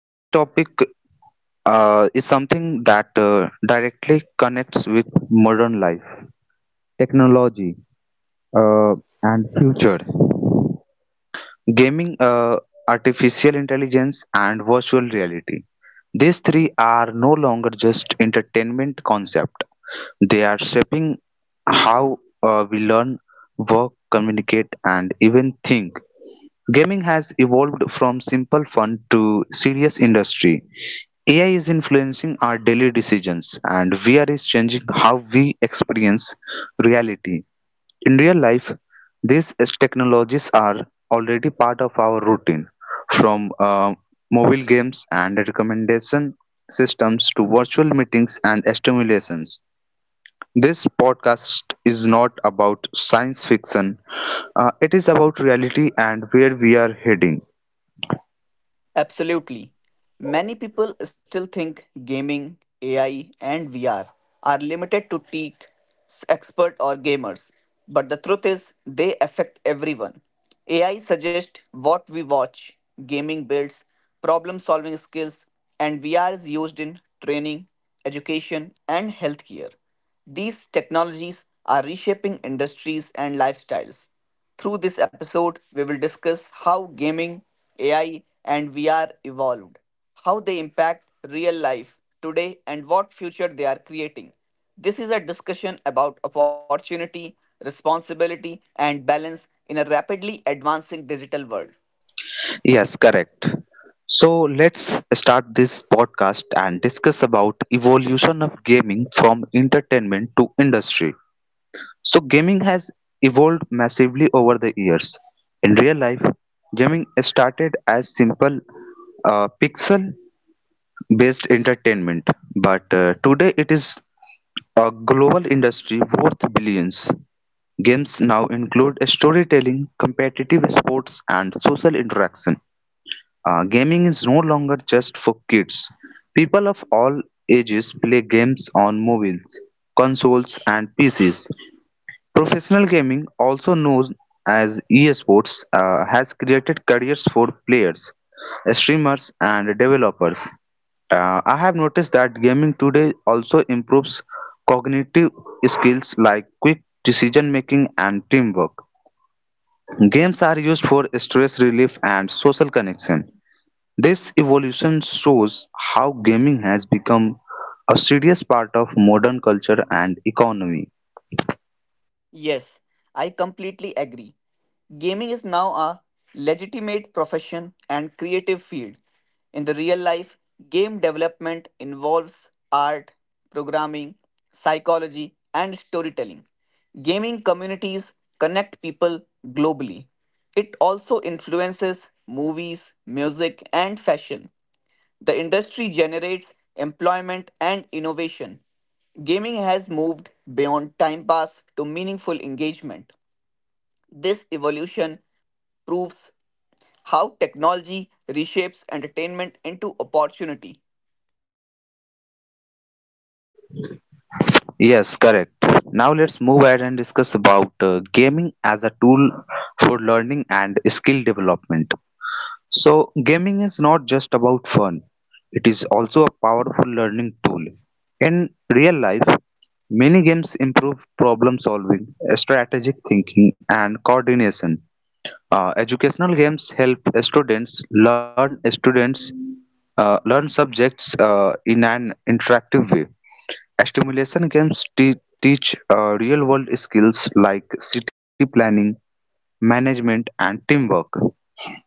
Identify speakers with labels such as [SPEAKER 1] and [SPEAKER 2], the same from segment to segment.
[SPEAKER 1] Today's topic is something that directly connects with modern life, technology, uh, and future, gaming, artificial intelligence, and virtual reality. These three are no longer just entertainment concept. They are shaping how we learn, work, communicate, and even think. Gaming has evolved from simple fun to serious industry. AI is influencing our daily decisions, and VR is changing how we experience reality. In real life, these technologies are already part of our routine, from mobile games and recommendation systems to virtual meetings and stimulations. This podcast is not about science fiction, it is about reality and where we are heading.
[SPEAKER 2] Absolutely. Many people still think gaming, AI, and VR are limited to tech expert or gamers. But the truth is, they affect everyone. AI suggests what we watch, gaming builds problem solving skills, and VR is used in training, education, and healthcare. These technologies are reshaping industries and lifestyles. Through this episode, we will discuss how gaming, AI, and VR evolved, how they impact real life today, and what future they are creating. This is a discussion about opportunity, responsibility, and balance in a rapidly advancing digital world.
[SPEAKER 1] Yes, correct. So let's start this podcast and discuss about evolution of gaming from entertainment to industry. So gaming has evolved massively over the years. In real life, gaming started as simple pixel-based entertainment, but today it is a global industry worth billions. Games now include storytelling, competitive sports, and social interaction. Gaming is no longer just for kids. People of all ages play games on mobiles, consoles, and PCs. Professional gaming, also known as esports, has created careers for players, streamers, and developers. I have noticed that gaming today also improves cognitive skills like quick decision making and teamwork. Games are used for stress relief and social connection. This evolution shows how gaming has become a serious part of modern culture and economy.
[SPEAKER 2] Yes, I completely agree. Gaming is now a legitimate profession and creative field. In the real life, game development involves art, programming, psychology, and storytelling. Gaming communities connect people globally. It also influences movies, music, and fashion. The industry generates employment and innovation. Gaming has moved beyond time pass to meaningful engagement. This evolution proves how technology reshapes entertainment into opportunity.
[SPEAKER 1] Yes, correct. Now let's move ahead and discuss about gaming as a tool for learning and skill development. So, gaming is not just about fun, it is also a powerful learning tool. In real life, many games improve problem solving, strategic thinking, and coordination. Educational games help students learn subjects in an interactive way. Stimulation games teach real world skills like city planning, management, and teamwork.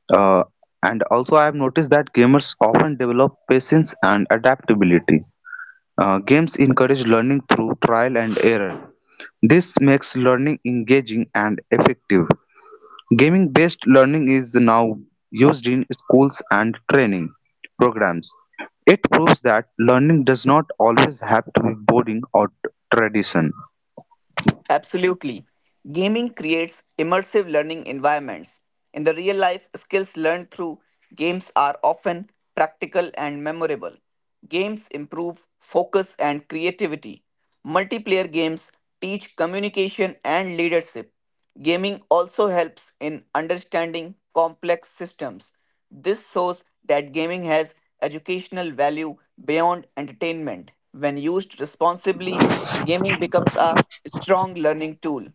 [SPEAKER 1] Uh, and also, I have noticed that gamers often develop patience and adaptability. Games encourage learning through trial and error. This makes learning engaging and effective. Gaming-based learning is now used in schools and training programs; it proves that learning does not always have to be boring or tradition.
[SPEAKER 2] Absolutely. Gaming creates immersive learning environments. In the real life, skills learned through games are often practical and memorable. Games improve focus and creativity. Multiplayer games teach communication and leadership. Gaming also helps in understanding complex systems. This shows that gaming has educational value beyond entertainment. When used responsibly, gaming becomes a strong learning tool.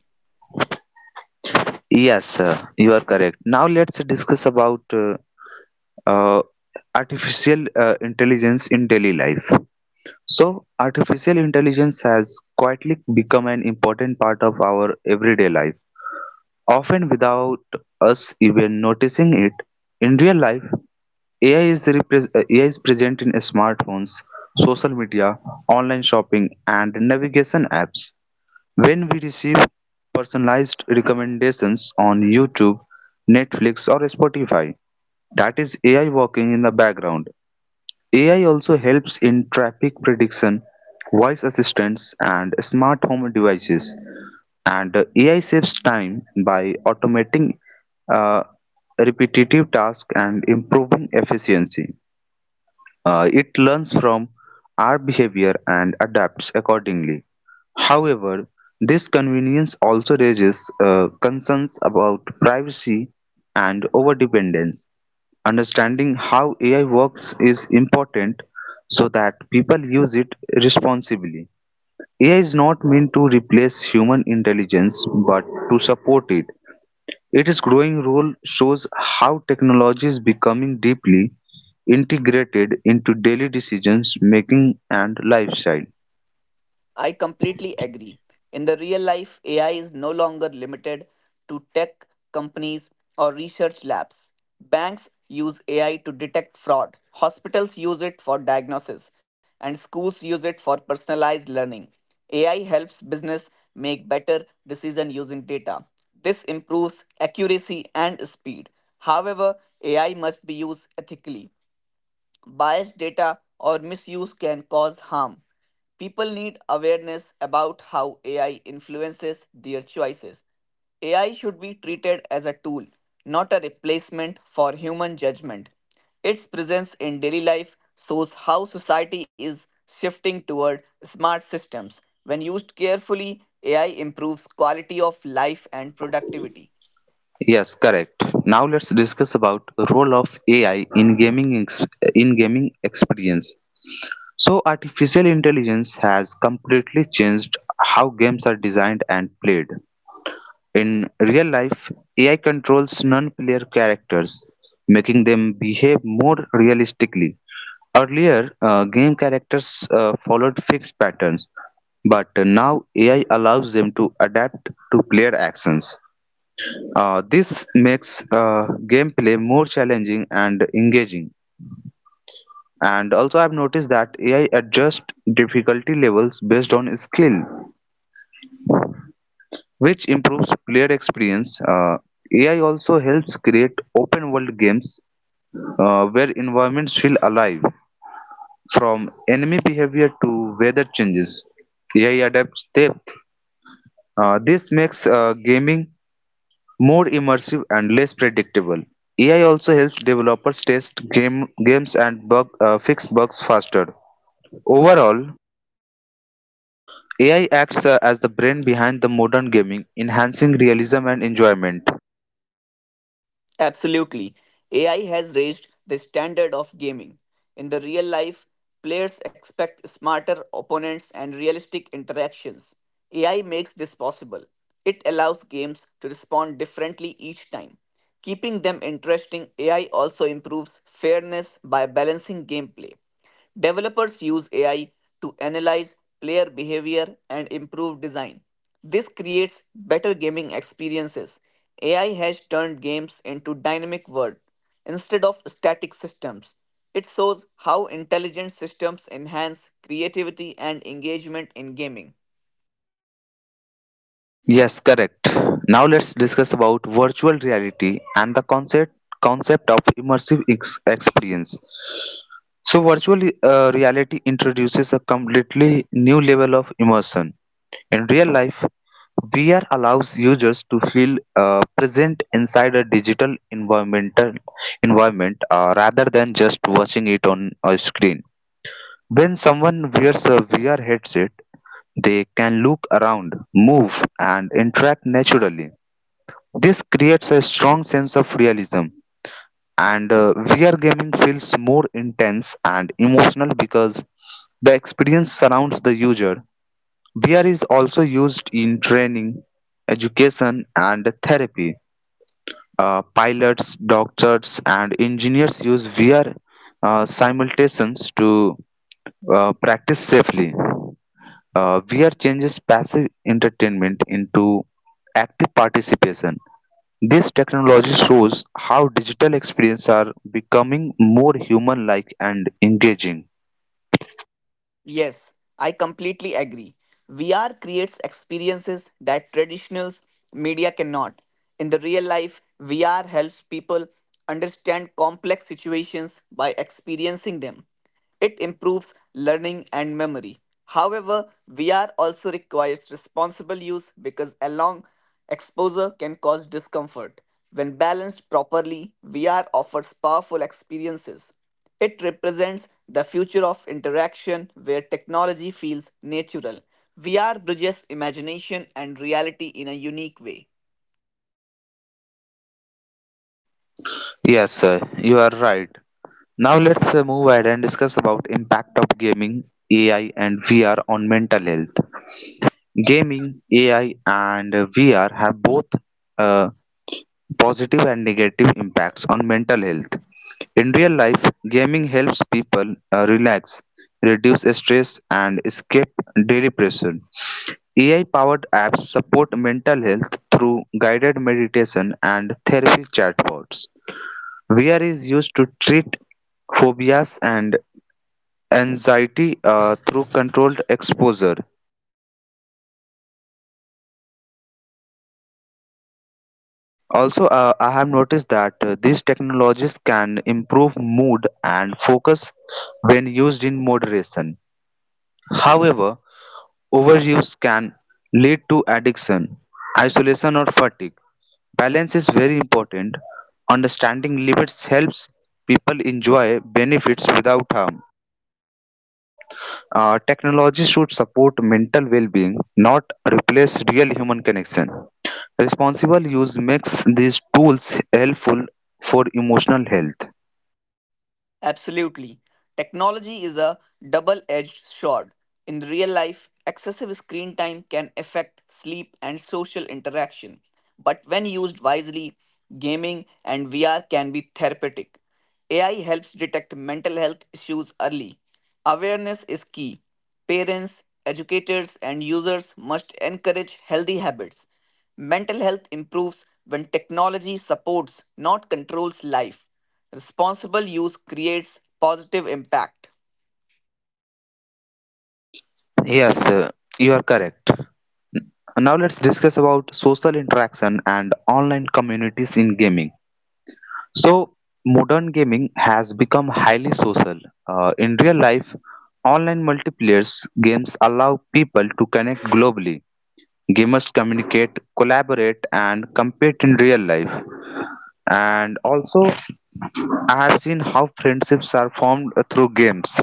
[SPEAKER 1] Yes, you are correct. Now let's discuss about uh, artificial intelligence in daily life. So, artificial intelligence has quietly become an important part of our everyday life, often without us even noticing it. In real life, AI is present in smartphones, social media, online shopping, and navigation apps. When we receive personalized recommendations on YouTube, Netflix, or Spotify, that is AI working in the background. AI also helps in traffic prediction, voice assistants, and smart home devices. And AI saves time by automating uh, repetitive tasks and improving efficiency. It learns from our behavior and adapts accordingly. However, this convenience also raises concerns about privacy and overdependence. Understanding how AI works is important so that people use it responsibly. AI is not meant to replace human intelligence but to support it. Its growing role shows how technology is becoming deeply integrated into daily decisions making and lifestyle.
[SPEAKER 2] I completely agree. In the real life, AI is no longer limited to tech companies or research labs. Banks use AI to detect fraud, hospitals use it for diagnosis, and schools use it for personalized learning. AI helps business make better decision using data. This improves accuracy and speed. However, AI must be used ethically. Biased data or misuse can cause harm. People need awareness about how AI influences their choices. AI should be treated as a tool, not a replacement for human judgment. Its presence in daily life shows how society is shifting toward smart systems. When used carefully, AI improves quality of life and productivity.
[SPEAKER 1] Yes, correct. Now let's discuss about role of AI in in gaming experience. So artificial intelligence has completely changed how games are designed and played. In real life, AI controls non-player characters, making them behave more realistically. Earlier, game characters followed fixed patterns, but now AI allows them to adapt to player actions. This makes gameplay more challenging and engaging. And also, I've noticed that AI adjusts difficulty levels based on skill, which improves player experience. AI also helps create open world games where environments feel alive. From enemy behavior to weather changes, AI adapts depth. This makes gaming more immersive and less predictable. AI also helps developers test games and fix bugs faster. Overall, AI acts as the brain behind the modern gaming, enhancing realism and enjoyment.
[SPEAKER 2] Absolutely. AI has raised the standard of gaming. In the real life, players expect smarter opponents and realistic interactions. AI makes this possible. It allows games to respond differently each time. Keeping them interesting, AI also improves fairness by balancing gameplay. Developers use AI to analyze player behavior and improve design. This creates better gaming experiences. AI has turned games into dynamic world instead of static systems. It shows how intelligent systems enhance creativity and engagement in gaming.
[SPEAKER 1] Yes, correct. Now let's discuss about virtual reality and the concept of immersive experience. So, virtual reality introduces a completely new level of immersion. In real life, VR allows users to feel present inside a digital environmental environment rather than just watching it on a screen. When someone wears a VR headset, they can look around, move, and interact naturally. This creates a strong sense of realism, and VR gaming feels more intense and emotional because the experience surrounds the user. VR is also used in training, education, and therapy. Pilots, doctors, and engineers use VR simulations to practice safely. VR changes passive entertainment into active participation. This technology shows how digital experiences are becoming more human-like and engaging.
[SPEAKER 2] Yes, I completely agree. VR creates experiences that traditional media cannot. In the real life, VR helps people understand complex situations by experiencing them. It improves learning and memory. However, VR also requires responsible use because a long exposure can cause discomfort. When balanced properly, VR offers powerful experiences. It represents the future of interaction where technology feels natural. VR bridges imagination and reality in a unique way.
[SPEAKER 1] Yes, sir, you are right. Now let's move ahead and discuss about impact of gaming, AI, and VR on mental health. Gaming, AI, and VR have both uh, positive and negative impacts on mental health. In real life, gaming helps people relax, reduce stress, and escape daily pressure. AI-powered apps support mental health through guided meditation and therapy chatbots. VR is used to treat phobias and anxiety through controlled exposure. Also, I have noticed that these technologies can improve mood and focus when used in moderation. However, overuse can lead to addiction, isolation, or fatigue. Balance is very important. Understanding limits helps people enjoy benefits without harm. Technology should support mental well being, not replace real human connection. Responsible use makes these tools helpful for emotional health.
[SPEAKER 2] Absolutely. Technology is a double edged sword. In real life, excessive screen time can affect sleep and social interaction. But when used wisely, gaming and VR can be therapeutic. AI helps detect mental health issues early. Awareness is key. Parents, educators, and users must encourage healthy habits. Mental health improves when technology supports, not controls, life. Responsible use creates positive impact.
[SPEAKER 1] Yes, you are correct. Now let's discuss about social interaction and online communities in gaming. So, modern gaming has become highly social. In real life, online multiplayer games allow people to connect globally. Gamers communicate, collaborate, and compete in real life. And also, I have seen how friendships are formed through games.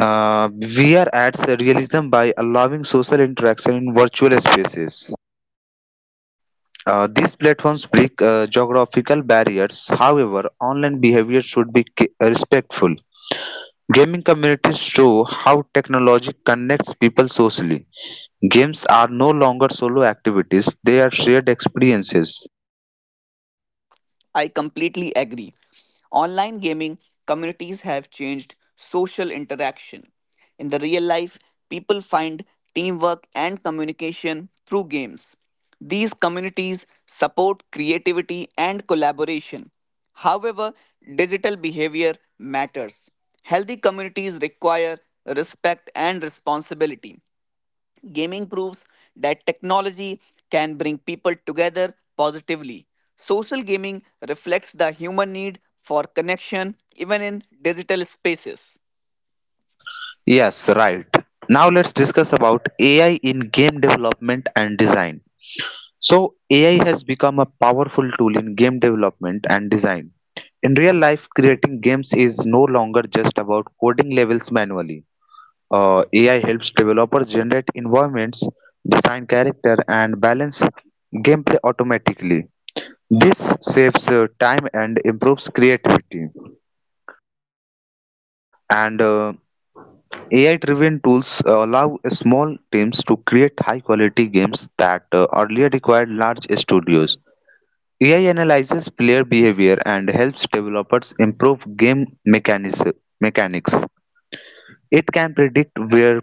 [SPEAKER 1] VR adds realism by allowing social interaction in virtual spaces. These platforms break geographical barriers. However, online behavior should be respectful. Gaming communities show how technology connects people socially. Games are no longer solo activities, they are shared experiences.
[SPEAKER 2] I completely agree. Online gaming communities have changed social interaction. In the real life, people find teamwork and communication through games. These communities support creativity and collaboration. However, digital behavior matters. Healthy communities require respect and responsibility. Gaming proves that technology can bring people together positively. Social gaming reflects the human need for connection even in digital spaces.
[SPEAKER 1] Yes, right. Now let's discuss about AI in game development and design. So, AI has become a powerful tool in game development and design. In real life, creating games is no longer just about coding levels manually. AI helps developers generate environments, design character, and balance gameplay automatically. This saves time and improves creativity. And AI-driven tools allow small teams to create high-quality games that earlier required large studios. AI analyzes player behavior and helps developers improve game mechanics. Mechanics. It can predict where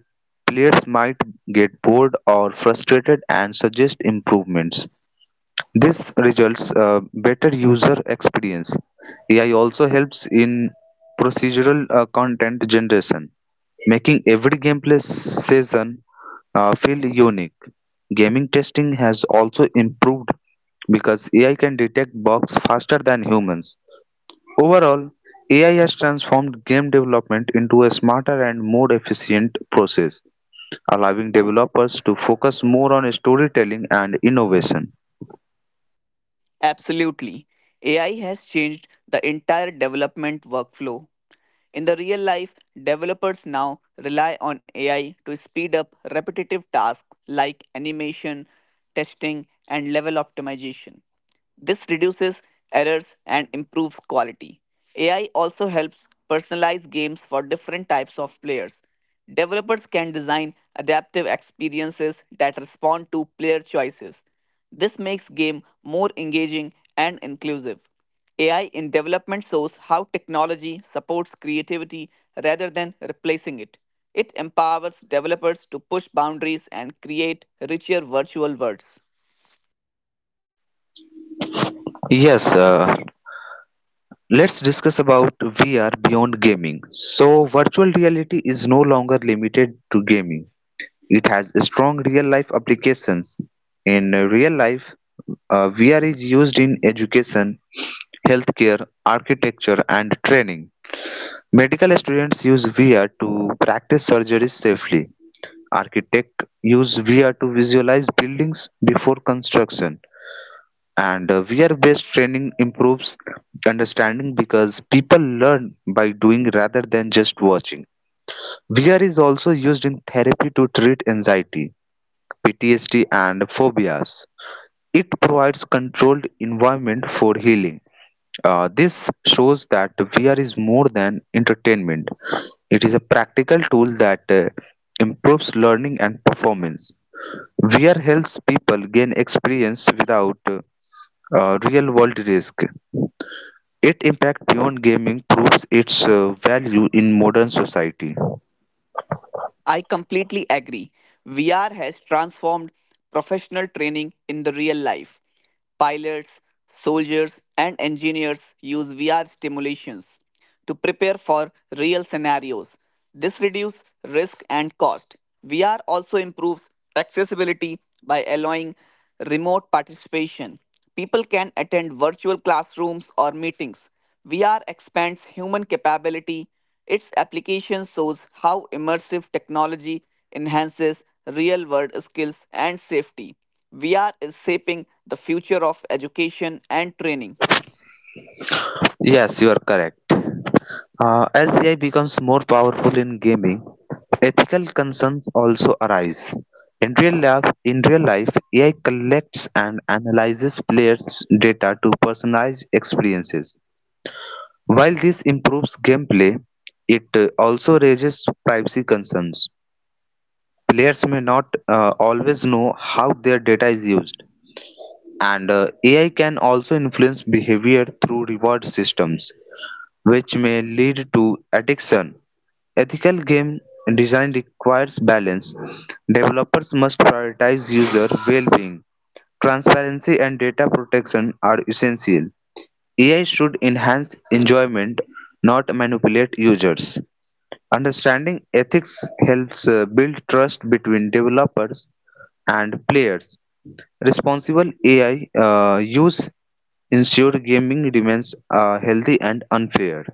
[SPEAKER 1] players might get bored or frustrated and suggest improvements. This results better user experience. AI also helps in procedural content generation, making every gameplay session feel unique. Gaming testing has also improved because AI can detect bugs faster than humans. Overall, AI has transformed game development into a smarter and more efficient process, allowing developers to focus more on storytelling and innovation.
[SPEAKER 2] Absolutely. AI has changed the entire development workflow. In the real life, developers now rely on AI to speed up repetitive tasks like animation, testing, and level optimization. This reduces errors and improves quality. AI also helps personalize games for different types of players. Developers can design adaptive experiences that respond to player choices. This makes game more engaging and inclusive. AI in development shows how technology supports creativity rather than replacing it. It empowers developers to push boundaries and create richer virtual worlds.
[SPEAKER 1] Yes, let's discuss about VR beyond gaming. So, virtual reality is no longer limited to gaming. It has strong real-life applications. In real life, VR is used in education, healthcare, architecture, and training. Medical students use VR to practice surgeries safely. Architects use VR to visualize buildings before construction. And Based training improves understanding because people learn by doing rather than just watching. VR is also used in therapy to treat anxiety, PTSD, and phobias. It provides controlled environment for healing. This shows that VR is more than entertainment, it is a practical tool that improves learning and performance. VR helps people gain experience without real world risk. Its impact beyond gaming proves its value in modern society.
[SPEAKER 2] I completely agree. VR has transformed professional training in the real life. Pilots, soldiers, and engineers use VR simulations to prepare for real scenarios. This reduces risk and cost. VR also improves accessibility by allowing remote participation. People can attend virtual classrooms or meetings. VR expands human capability. Its application shows how immersive technology enhances real world skills and safety. VR is shaping the future of education and training.
[SPEAKER 1] Yes, you are correct. As AI becomes more powerful in gaming, ethical concerns also arise. In real life, AI collects and analyzes players' data to personalize experiences. While this improves gameplay, it also raises privacy concerns. Players may not always know how their data is used. And AI can also influence behavior through reward systems, which may lead to addiction. Ethical game design requires balance. Developers must prioritize user well being. Transparency and data protection are essential. AI should enhance enjoyment, not manipulate users. Understanding ethics helps build trust between developers and players. Responsible AI use ensure gaming remains healthy and unfair.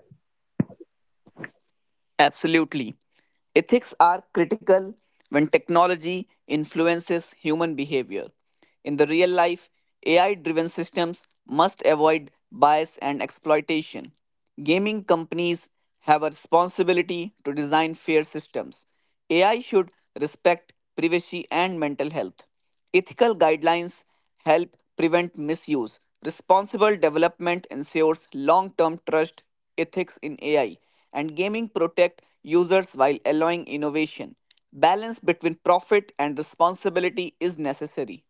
[SPEAKER 2] Absolutely. Ethics are critical when technology influences human behavior. In the real life, AI driven systems must avoid bias and exploitation. Gaming companies have a responsibility to design fair systems. AI should respect privacy and mental health. Ethical guidelines help prevent misuse. Responsible development ensures long-term trust ethics in AI and gaming protect users while allowing innovation. Balance between profit and responsibility is necessary.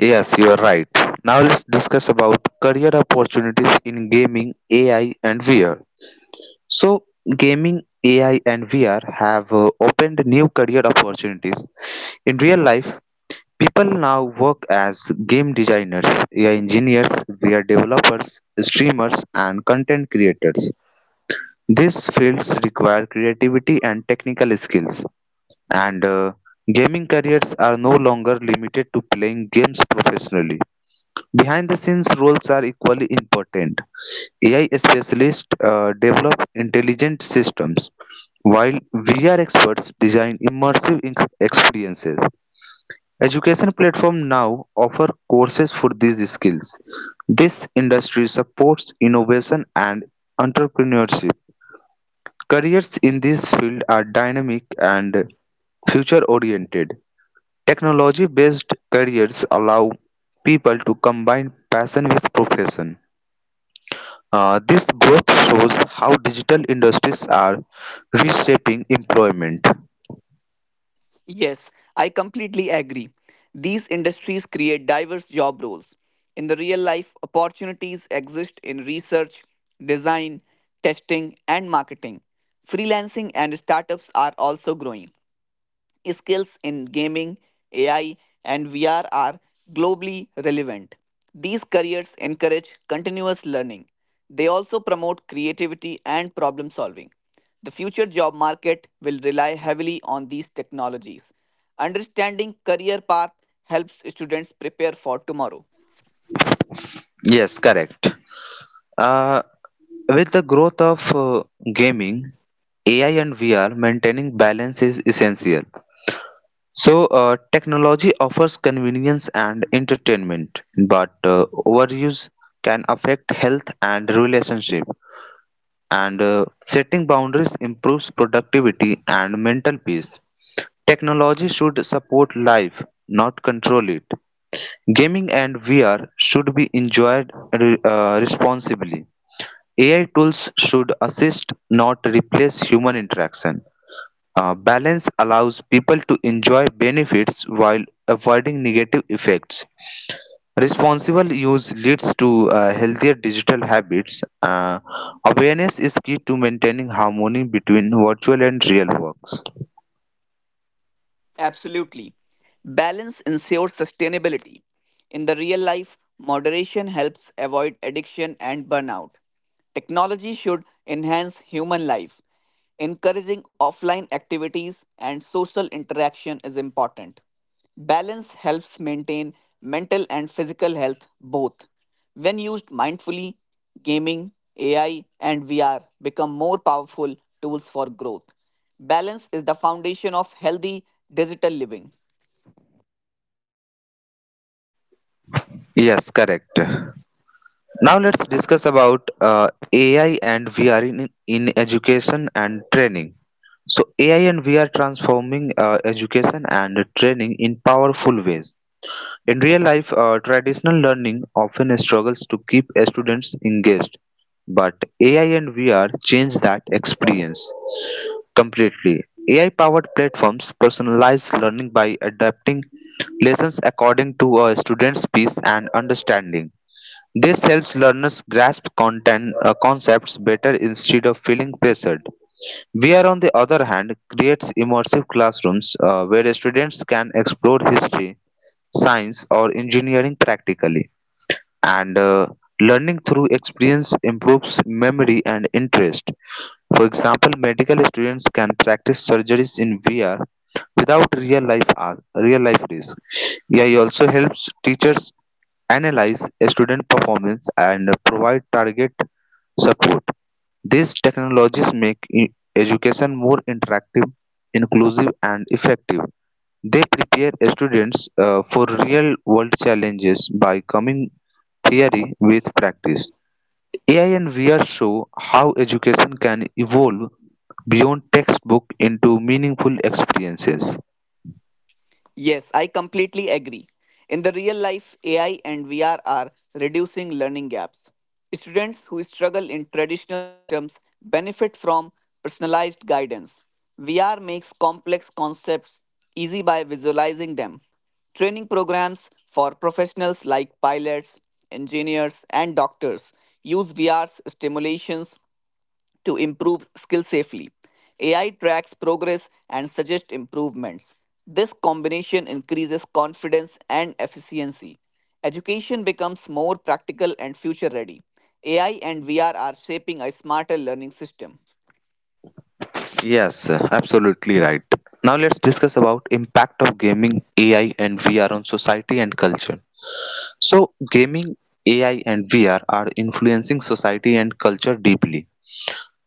[SPEAKER 1] Yes, you are right. Now let's discuss about career opportunities in gaming, AI, and VR. So, gaming, AI, and VR have opened new career opportunities. In real life, people now work as game designers, AI engineers, VR developers, streamers, and content creators. These fields require creativity and technical skills. And gaming careers are no longer limited to playing games professionally. Behind the scenes roles are equally important. AI specialists develop intelligent systems, while VR experts design immersive experiences. Education platforms now offer courses for these skills. This industry supports innovation and entrepreneurship. Careers in this field are dynamic and future oriented. Technology-based careers allow people to combine passion with profession. This growth shows how digital industries are reshaping employment.
[SPEAKER 2] Yes, I completely agree. These industries create diverse job roles. In the real life, opportunities exist in research, design, testing, and marketing. Freelancing and startups are also growing skills in gaming, AI, and VR are globally relevant. These careers encourage continuous learning. They also promote creativity and problem solving. The future job market will rely heavily on these technologies. Understanding career path helps students prepare for tomorrow.
[SPEAKER 1] Yes, correct. Uh, with the growth of gaming, AI and VR, maintaining balance is essential. So, technology offers convenience and entertainment, but overuse can affect health and relationship. And setting boundaries improves productivity and mental peace. Technology should support life, not control it. Gaming and VR should be enjoyed responsibly. AI tools should assist, not replace human interaction. Balance allows people to enjoy benefits while avoiding negative effects. Responsible use leads to healthier digital habits. Awareness is key to maintaining harmony between virtual and real works.
[SPEAKER 2] Absolutely. Balance ensures sustainability. In the real life, moderation helps avoid addiction and burnout. Technology should enhance human life. Encouraging offline activities and social interaction is important. Balance helps maintain mental and physical health both. When used mindfully, gaming, AI, and VR become more powerful tools for growth. Balance is the foundation of healthy digital living.
[SPEAKER 1] Yes, correct. Now let's discuss about AI and VR in education and training. So AI and VR transforming education and training in powerful ways. In real life, traditional learning often struggles to keep students engaged, but AI and VR change that experience completely. AI powered platforms personalize learning by adapting lessons according to a student's pace and understanding. This helps learners grasp content concepts better instead of feeling pressured. VR, on the other hand, creates immersive classrooms where students can explore history, science or engineering practically and learning through experience improves memory and interest. For example, medical students can practice surgeries in VR without real life risk. AI also helps teachers analyze student performance and provide target support. These technologies make education more interactive, inclusive and effective. They prepare students for real-world challenges by combining theory with practice. AI and VR show how education can evolve beyond textbook into meaningful experiences.
[SPEAKER 2] Yes, I completely agree. In the real life, AI and VR are reducing learning gaps. Students who struggle in traditional systems benefit from personalized guidance. VR makes complex concepts easy by visualizing them. Training programs for professionals like pilots, engineers, and doctors use VR's stimulations to improve skill safely. AI tracks progress and suggests improvements. This combination increases confidence and efficiency. Education becomes more practical and future ready. AI and VR are shaping a smarter learning system.
[SPEAKER 1] Yes, absolutely right. Now let's discuss about impact of gaming, AI and VR on society and culture. So gaming, AI and VR are influencing society and culture deeply.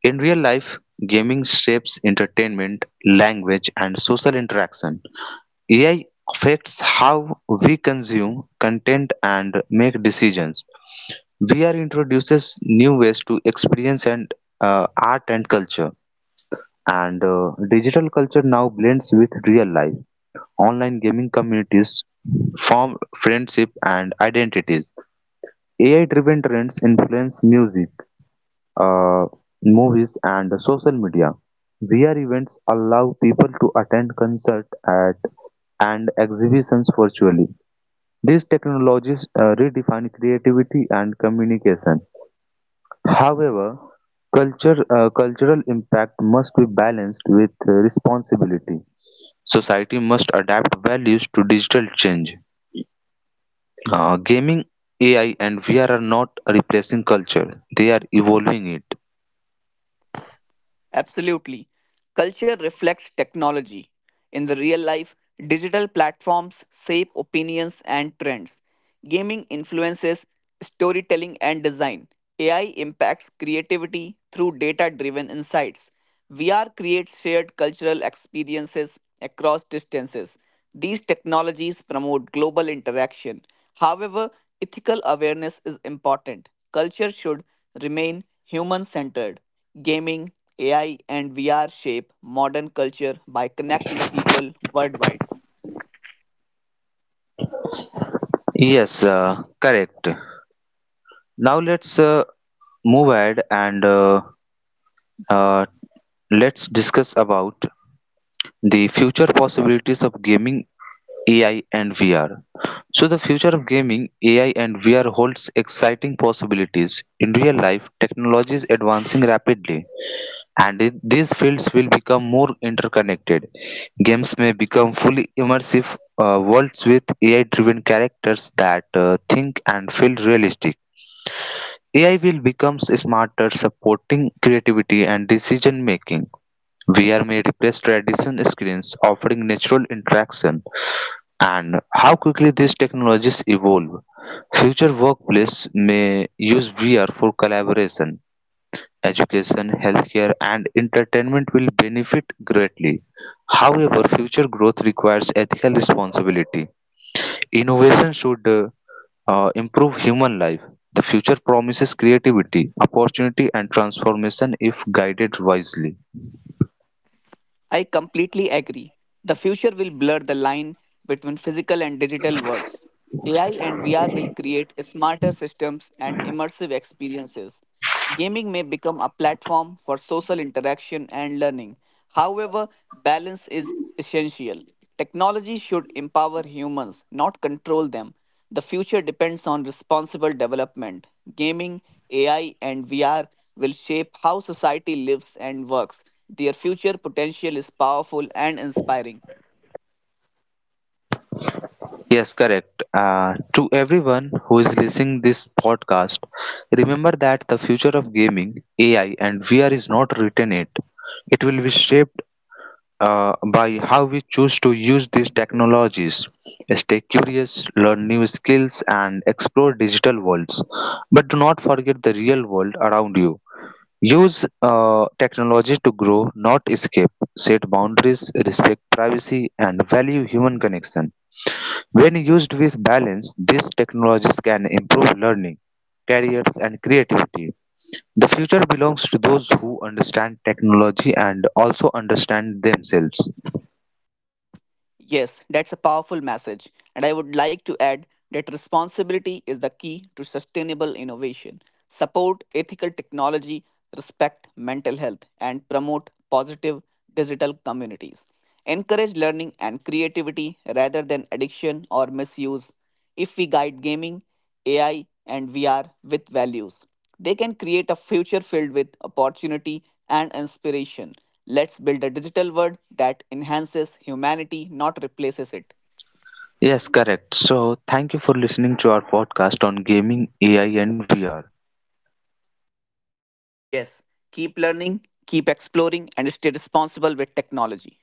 [SPEAKER 1] In real life, gaming shapes entertainment, language, and social interaction. AI affects how we consume content and make decisions. VR introduces new ways to experience and art and culture. And digital culture now blends with real life. Online gaming communities form friendship and identities. AI driven trends influence music, uh, movies and social media. VR events allow people to attend concerts at and exhibitions virtually. These technologies redefine creativity and communication. However, cultural impact must be balanced with responsibility. Society must adapt values to digital change. Gaming, AI, and VR are not replacing culture, they are evolving it.
[SPEAKER 2] Absolutely. Culture reflects technology. In the real life, digital platforms shape opinions and trends. Gaming influences storytelling and design. AI impacts creativity through data driven insights. VR creates shared cultural experiences across distances. These technologies promote global interaction. However, ethical awareness is important. Culture should remain human centered. Gaming, AI, and VR shape modern culture by connecting people worldwide.
[SPEAKER 1] Yes, correct. Now let's move ahead and uh, let's discuss about the future possibilities of gaming AI and VR. So the future of gaming AI and VR holds exciting possibilities. In real life, technology is advancing rapidly and these fields will become more interconnected. Games may become fully immersive worlds with AI driven characters that think and feel realistic. AI will become smarter, supporting creativity and decision making. VR may replace traditional screens, offering natural interaction. And how quickly these technologies evolve. Future workplace may use VR for collaboration. Education, healthcare, and entertainment will benefit greatly. However, future growth requires ethical responsibility. Innovation should improve human life. The future promises creativity, opportunity, and transformation if guided wisely.
[SPEAKER 2] I completely agree. The future will blur the line between physical and digital worlds. AI and VR will create smarter systems and immersive experiences. Gaming may become a platform for social interaction and learning. However, balance is essential. Technology should empower humans, not control them. The future depends on responsible development. Gaming, AI, and VR will shape how society lives and works. Their future potential is powerful and inspiring.
[SPEAKER 1] Yes, correct. To everyone who is listening this podcast, remember that the future of gaming, AI, and VR is not written yet. It will be shaped by how we choose to use these technologies. Stay curious, learn new skills, and explore digital worlds. But do not forget the real world around you. Use technology to grow, not escape. Set boundaries, respect privacy, and value human connection. When used with balance, these technologies can improve learning, careers, and creativity. The future belongs to those who understand technology and also understand themselves.
[SPEAKER 2] Yes, that's a powerful message, and I would like to add that responsibility is the key to sustainable innovation. Support ethical technology, respect mental health, and promote positive digital communities. Encourage learning and creativity rather than addiction or misuse if we guide gaming, AI, and VR with values. They can create a future filled with opportunity and inspiration. Let's build a digital world that enhances humanity, not replaces it.
[SPEAKER 1] Yes, correct. So, thank you for listening to our podcast on gaming, AI, and VR.
[SPEAKER 2] Yes, keep learning, keep exploring, and stay responsible with technology.